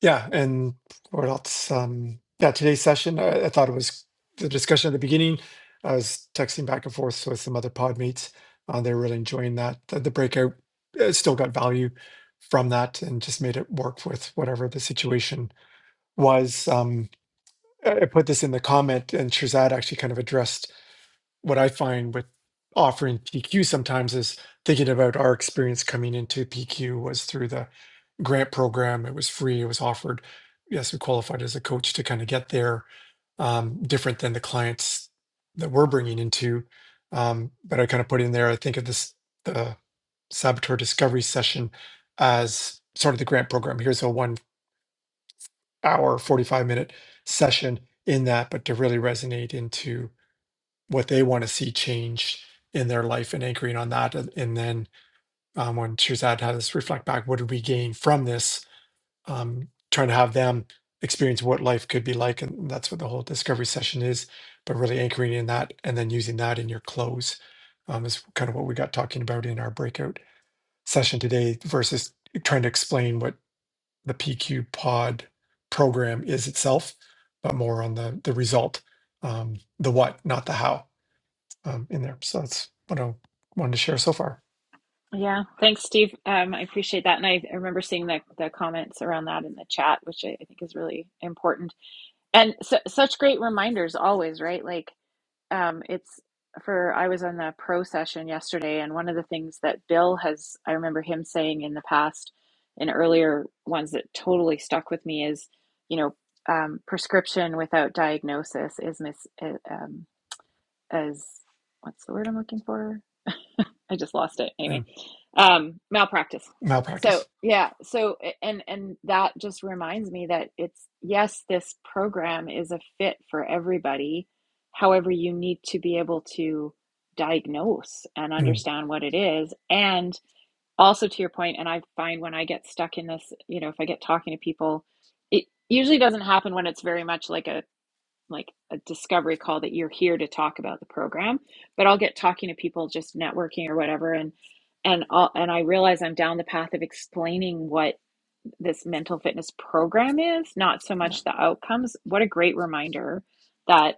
yeah, and what else? Um, yeah, today's session, I, I thought it was the discussion at the beginning. I was texting back and forth with some other pod mates. Uh, they're really enjoying that. The, the breakout uh, still got value from that and just made it work with whatever the situation was. Um, I I put this in the comment, and Shazad actually kind of addressed what I find with offering PQ sometimes is thinking about our experience coming into PQ was through the grant program. It was free. It was offered. Yes, we qualified as a coach to kind of get there. Um, different than the clients that we're bringing into. Um, but I kind of put in there. I think of this the saboteur discovery session as sort of the grant program. Here's a one hour, 45 minute session in that, but to really resonate into what they want to see change in their life and anchoring on that. And then um, when Shazad had us reflect back, what did we gain from this? Um, trying to have them experience what life could be like. And that's what the whole discovery session is, but really anchoring in that and then using that in your close um, is kind of what we got talking about in our breakout session today versus trying to explain what the PQ pod program is itself, but more on the, the result, um, the what, not the how um, in there. So that's what I wanted to share so far.
Yeah, thanks, Steve. Um, I appreciate that, and I, I remember seeing the the comments around that in the chat, which I, I think is really important. And su such great reminders always, right? Like, um, it's for I was on the pro session yesterday, and one of the things that Bill has, I remember him saying in the past, in earlier ones that totally stuck with me is, you know, um, prescription without diagnosis is mis uh, um, as what's the word I'm looking for? I just lost it anyway.
Mm.
Um, malpractice. So
Malpractice.
yeah, so and and that just reminds me that it's yes, this program is a fit for everybody. However, you need to be able to diagnose and
Mm.
understand what it is, and also to your point, and I find when I get stuck in this, you know, if I get talking to people, it usually doesn't happen when it's very much like a like a discovery call that you're here to talk about the program but i'll get talking to people just networking or whatever and and I'll, and i realize i'm down the path of explaining what this mental fitness program is, not so
Yeah.
much the outcomes. What a great reminder that,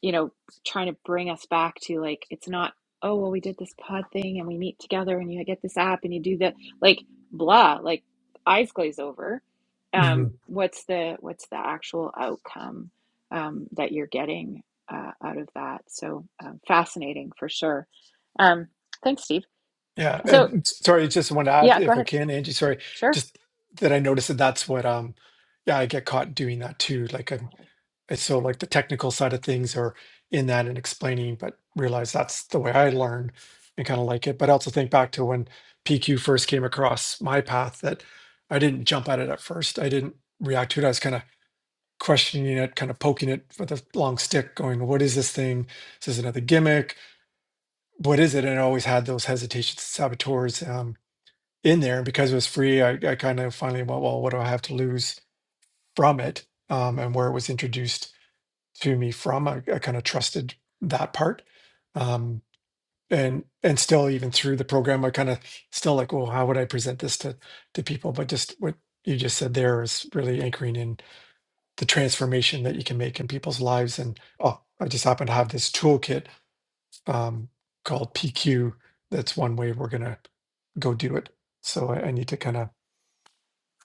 you know, trying to bring us back to like, it's not, oh, well, we did this pod thing and we meet together and you get this app and you do that, like, blah, like, eyes glaze over.
hmm
Um, what's the what's the actual outcome um, that you're getting uh, out of that? So um, fascinating for sure. Um, thanks, Steve.
Yeah.
So
And s- sorry, just want to add,
yeah, go
if I
ahead.
can, Angie, sorry,
Sure,
just that I noticed that that's what, um, yeah, I get caught doing that too. Like I'm,
totally
it's so like the technical side of things are in that and explaining, but realize that's the way I learn and kind of like it. But I also think back to when PQ first came across my path that I didn't jump at it at first. I didn't react to it. I was kind of questioning it, kind of poking it with a long stick, going, "What is this thing? Is this another gimmick? What is it?" And I always had those hesitations, saboteurs um, in there. And because it was free, I, I kind of finally went, "Well, what do I have to lose from it?" Um, and where it was introduced to me from, I, I kind of trusted that part. Um, and and still, even through the program, I kind of still like, "Well, how would I present this to to people?" But just what you just said there is really anchoring in the transformation that you can make in people's lives. And oh, I just happen to have this toolkit um, called PQ. That's one way we're gonna go do it. So I, I need to kind of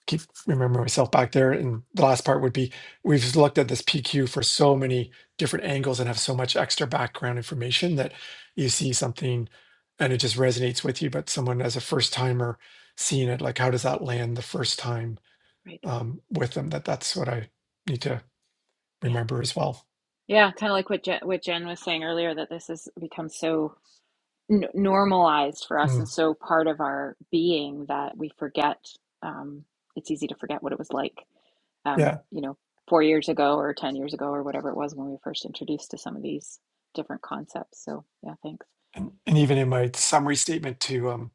keep remembering myself back there. And the last part would be we've looked at this PQ for so many different angles and have so much extra background information that you see something and it just resonates with you. But someone as a first timer seeing it, like how does that land the first time
right.
um, with them? That that's what I need to remember as well.
Yeah, kind of like what Jen, what Jen was saying earlier, that this has become so n normalized for us and
Mm,
so part of our being that we forget. Um, it's easy to forget what it was like, um,
yeah.
you know, four years ago or 10 years ago or whatever it was when we were first introduced to some of these different concepts. So, yeah, thanks.
And, and even in my summary statement to um,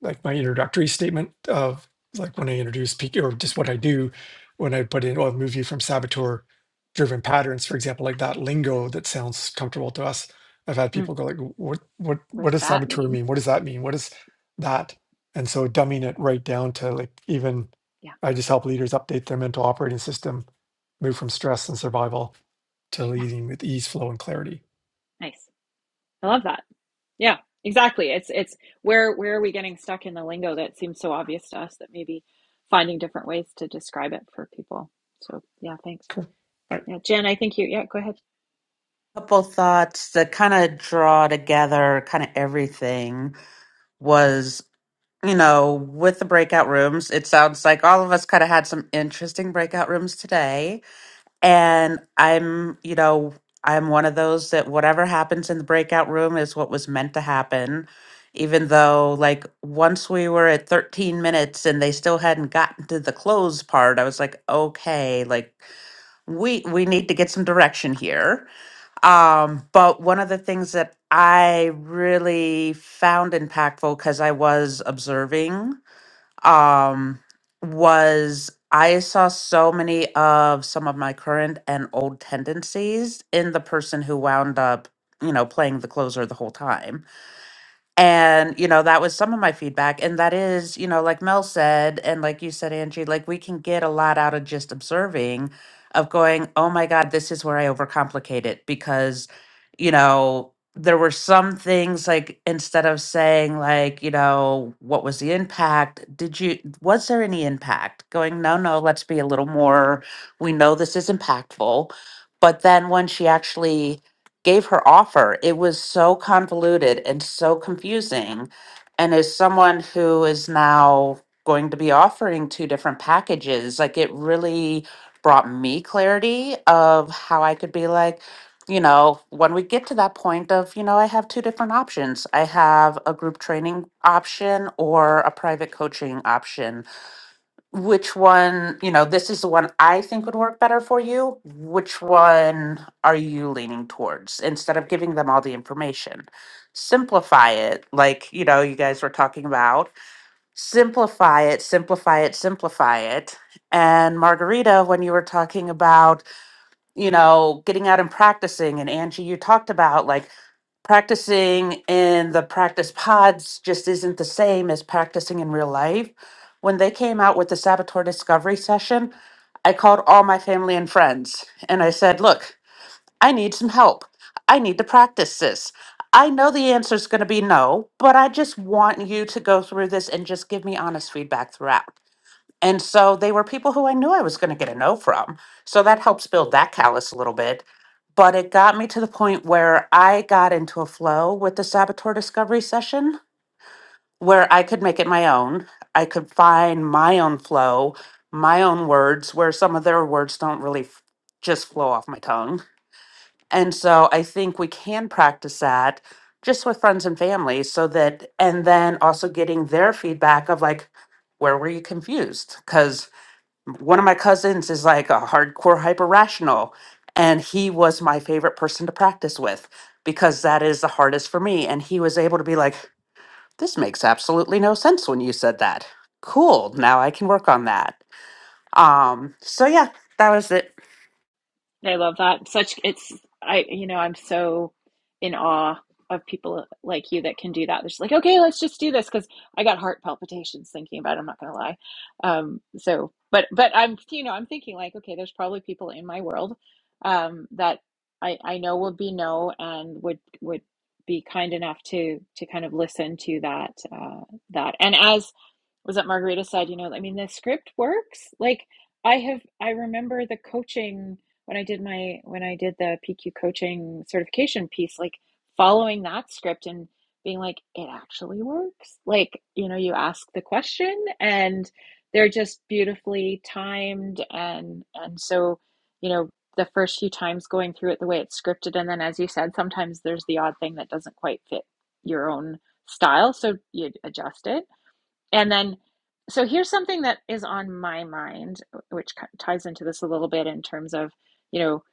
like my introductory statement of like when I introduce peak or just what I do, when I put in, well, move you from saboteur driven patterns, for example, like that lingo that sounds comfortable to us. I've had
Mm,
people go like, what, what,
what
what
does
does
that
saboteur
mean?
mean? What does that mean? What is that? And so dumbing it right down to like, even
Yeah,
I just help leaders update their mental operating system, move from stress and survival to
yeah,
leading with ease, flow, and clarity.
nice. I love that. Yeah, exactly. It's it's where where are we getting stuck in the lingo that seems so obvious to us that maybe finding different ways to describe it for people. So yeah, thanks.
Cool. All
Yeah, Jen, I think you. Yeah, go ahead.
couple thoughts that kind of draw together kind of everything was, you know, with the breakout rooms, it sounds like all of us kind of had some interesting breakout rooms today And I'm, you know, I'm one of those that whatever happens in the breakout room is what was meant to happen. Even though, like, once we were at 13 minutes and they still hadn't gotten to the close part, I was like, okay, like, we we need to get some direction here. Um, but one of the things that I really found impactful because I was observing um, was I saw so many of some of my current and old tendencies in the person who wound up, you know, playing the closer the whole time and, you know, that was some of my feedback. And that is, you know, like Mel said, and like you said, Angie, like we can get a lot out of just observing, of going, oh my God, this is where I overcomplicate it. Because, you know, there were some things like instead of saying, like, you know, what was the impact? Did you, was there any impact? Going, no, no, let's be a little more, we know this is impactful. But then when she actually, gave her offer. It was so convoluted and so confusing. And as someone who is now going to be offering two different packages, like it really brought me clarity of how I could be like, you know, when we get to that point of, you know, I have two different options. I have a group training option or a private coaching option which one, you know, this is the one I think would work better for you. Which one are you leaning towards instead of giving them all the information? Simplify it, like, you know, you guys were talking about. Simplify it, simplify it, simplify it. And Margarita, when you were talking about, you know, getting out and practicing, and Angie, you talked about like practicing in the practice pods just isn't the same as practicing in real life. When they came out with the Saboteur Discovery session, I called all my family and friends and I said, Look, I need some help. I need to practice this. I know the answer is going to be no, but I just want you to go through this and just give me honest feedback throughout. And so they were people who I knew I was going to get a no from. So that helps build that callus a little bit but it got me to the point where I got into a flow with the saboteur discovery session where I could make it my own. I could find my own flow, my own words, where some of their words don't really f- just flow off my tongue. And so I think we can practice that just with friends and family so that, and then also getting their feedback of like, where were you confused? Because one of my cousins is like a hardcore hyper rational and he was my favorite person to practice with because that is the hardest for me and he was able to be like this makes absolutely no sense when you said that cool now i can work on that um so yeah that was it
I love that. Such it's I you know, I'm so in awe of people like you that can do that. They're just like, okay, let's just do this because I got heart palpitations thinking about it, I'm not gonna lie. Um so but but I'm you know, I'm thinking like, okay, there's probably people in my world um that I I know would be no and would would be kind enough to to kind of listen to that uh that. And as was that Margarita said, you know, I mean, the script works. Like I have, I remember the coaching when I did my, when I did the PQ coaching certification piece, like following that script and being like, it actually works. Like, you know, you ask the question and they're just beautifully timed. And, and so, you know, the first few times going through it the way it's scripted. And then, as you said, sometimes there's the odd thing that doesn't quite fit your own style. So you adjust it and then, so here's something that is on my mind, which ties into this a little bit in terms of, you know,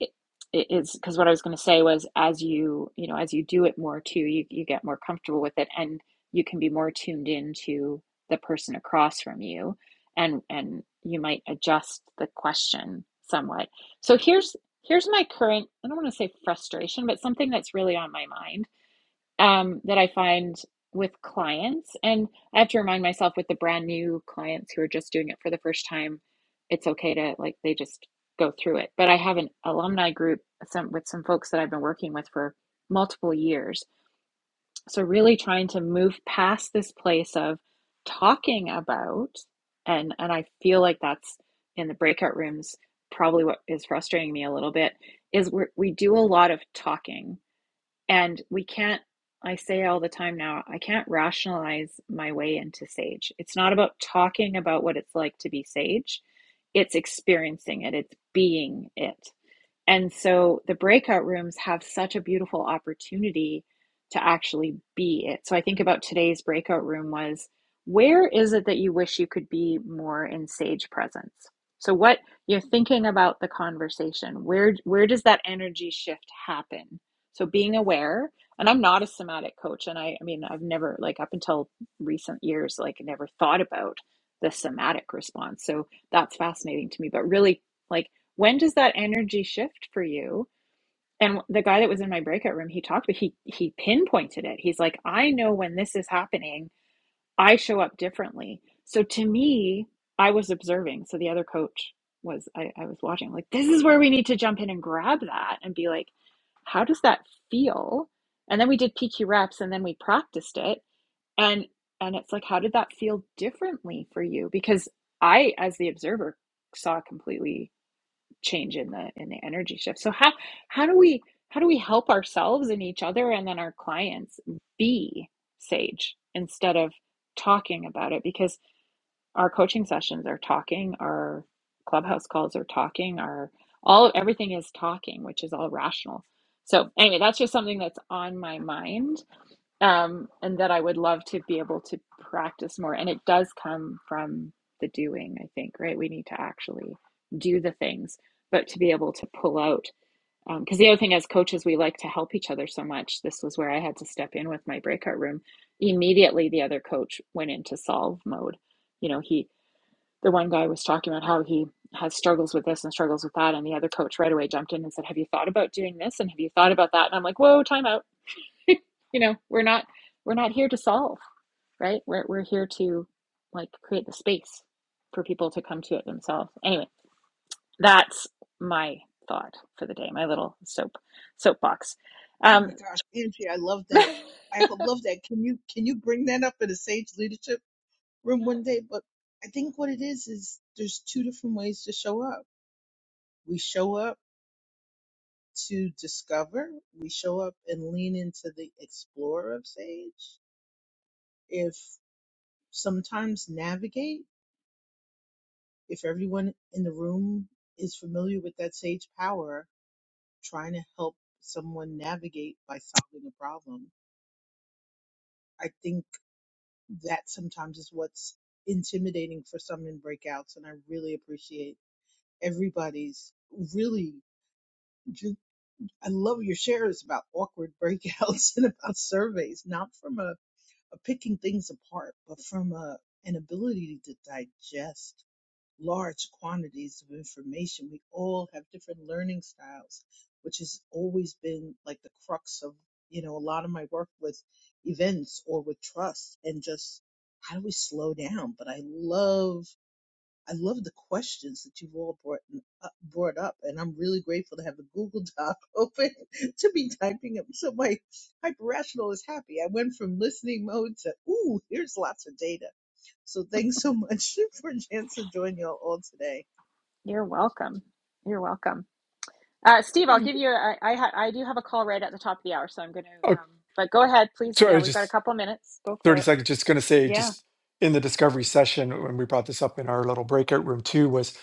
it, it is because what I was going to say was as you, you know, as you do it more too, you, you get more comfortable with it and you can be more tuned into the person across from you and and you might adjust the question somewhat. So here's here's my current, I don't want to say frustration, but something that's really on my mind um, that I find with clients. And I have to remind myself with the brand new clients who are just doing it for the first time, it's okay to like, they just go through it. But I have an alumni group some, with some folks that I've been working with for multiple years. So, really trying to move past this place of talking about, and, and I feel like that's in the breakout rooms, probably what is frustrating me a little bit is we're, we do a lot of talking and we can't, I say all the time now, I can't rationalize my way into sage. It's not about talking about what it's like to be sage, it's experiencing it, it's being it. And so the breakout rooms have such a beautiful opportunity to actually be it. So I think about today's breakout room was where is it that you wish you could be more in sage presence? So what you're thinking about the conversation, where where does that energy shift happen? So being aware, and I'm not a somatic coach and I I mean I've never like up until recent years like never thought about the somatic response. So that's fascinating to me, but really like when does that energy shift for you and the guy that was in my breakout room he talked but he he pinpointed it he's like i know when this is happening i show up differently so to me i was observing so the other coach was i, I was watching like this is where we need to jump in and grab that and be like how does that feel and then we did pq reps and then we practiced it and and it's like how did that feel differently for you because i as the observer saw completely change in the in the energy shift. So how how do we how do we help ourselves and each other and then our clients be sage instead of talking about it because our coaching sessions are talking, our clubhouse calls are talking, our all everything is talking, which is all rational. So anyway, that's just something that's on my mind um, and that I would love to be able to practice more. And it does come from the doing, I think, right? We need to actually do the things, but to be able to pull out. Because um, the other thing, as coaches, we like to help each other so much. This was where I had to step in with my breakout room. Immediately, the other coach went into solve mode. You know, he, the one guy was talking about how he has struggles with this and struggles with that. And the other coach right away jumped in and said, Have you thought about doing this? And have you thought about that? And I'm like, Whoa, time out." you know we're not we're not here to solve right we're, we're here to like create the space for people to come to it themselves anyway that's my thought for the day my little soap soapbox
Oh
um
my gosh, Angie, I love that. I ho- love that. Can you can you bring that up in a Sage Leadership Room one day? But I think what it is is there's two different ways to show up. We show up. to discover. We show up and lean into the explorer of Sage. If sometimes navigate, if everyone in the room is familiar with that Sage power, trying to help someone navigate by solving a problem. I think that sometimes is what's intimidating for some in breakouts, and I really appreciate everybody's really. ju- I love your shares about awkward breakouts and about surveys, not from a of picking things apart, but from a, an ability to digest large quantities of information. We all have different learning styles, which has always been like the crux of, you know, a lot of my work with events or with trust and just how do we slow down? But I love I love the questions that you've all brought up, brought up, and I'm really grateful to have the Google Doc open to be typing up. So my hyper rational is happy. I went from listening mode to ooh, here's lots of data. So thanks so much for a chance to join y'all all today.
you're welcome you're welcome uh steve i'll
right.
give you i I, ha- I do have a call right at the top of the hour so i'm gonna
Oh,
um but go ahead please yeah
sorry,
we've got a
just
couple of minutes go for
30
it
seconds. Just going to say,
yeah
just in the discovery session, when we brought this up in our little breakout room too, was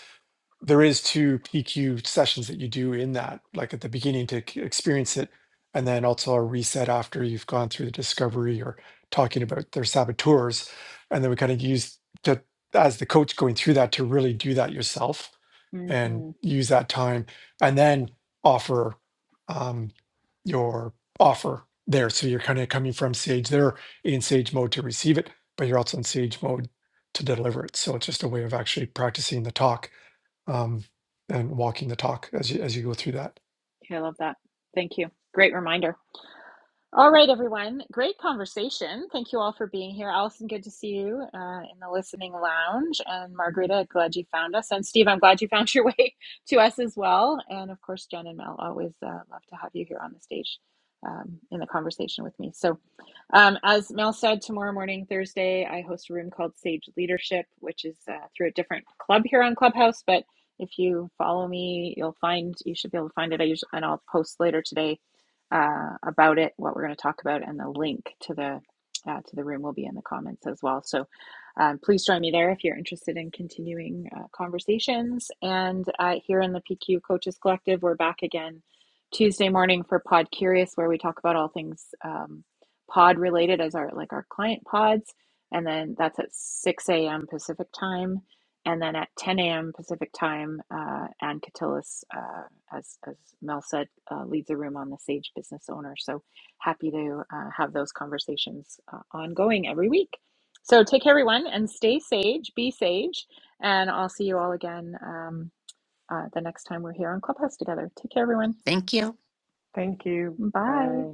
there is two PQ sessions that you do in that, like at the beginning to c- experience it, and then also a reset after you've gone through the discovery or talking about their saboteurs. And then we kind of use to, as the coach going through that to really do that yourself and
mm-hmm.
use that time and then offer um, your offer there. So you're kind of coming from Sage. They're in Sage mode to receive it, but you're also in Sage mode to deliver it. So it's just a way of actually practicing the talk um, and walking the talk as you as you go through that.
Okay, i love that thank you great reminder All right, everyone. Great conversation. Thank you all for being here. Allison, good to see you uh, in the listening lounge. And Margarita, glad you found us. And Steve, I'm glad you found your way to us as well. And of course, Jen and Mel, always uh, love to have you here on the stage um, in the conversation with me. So, um, as Mel said, tomorrow morning, Thursday, I host a room called Sage Leadership, which is uh, through a different club here on Clubhouse. But if you follow me, you'll find you should be able to find it. I usually and I'll post later today uh, about it, what we're going to talk about, and the link to the uh, to the room will be in the comments as well. So um, please join me there if you're interested in continuing uh, conversations. And uh, here in the PQ Coaches Collective, we're back again Tuesday morning for Pod Curious, where we talk about all things um, pod related, as our like our client pods. And then that's at 6 a.m. Pacific time. And then at 10 a.m. Pacific time, uh, Ann Catillus uh, as as Mel said, uh, leads a room on the Sage Business Owner. So happy to uh, have those conversations uh, ongoing every week. So take care, everyone, and stay sage, be sage, and I'll see you all again um, uh, the next time we're here on Clubhouse together. Take care, everyone.
thank you
thank you
Bye.
bye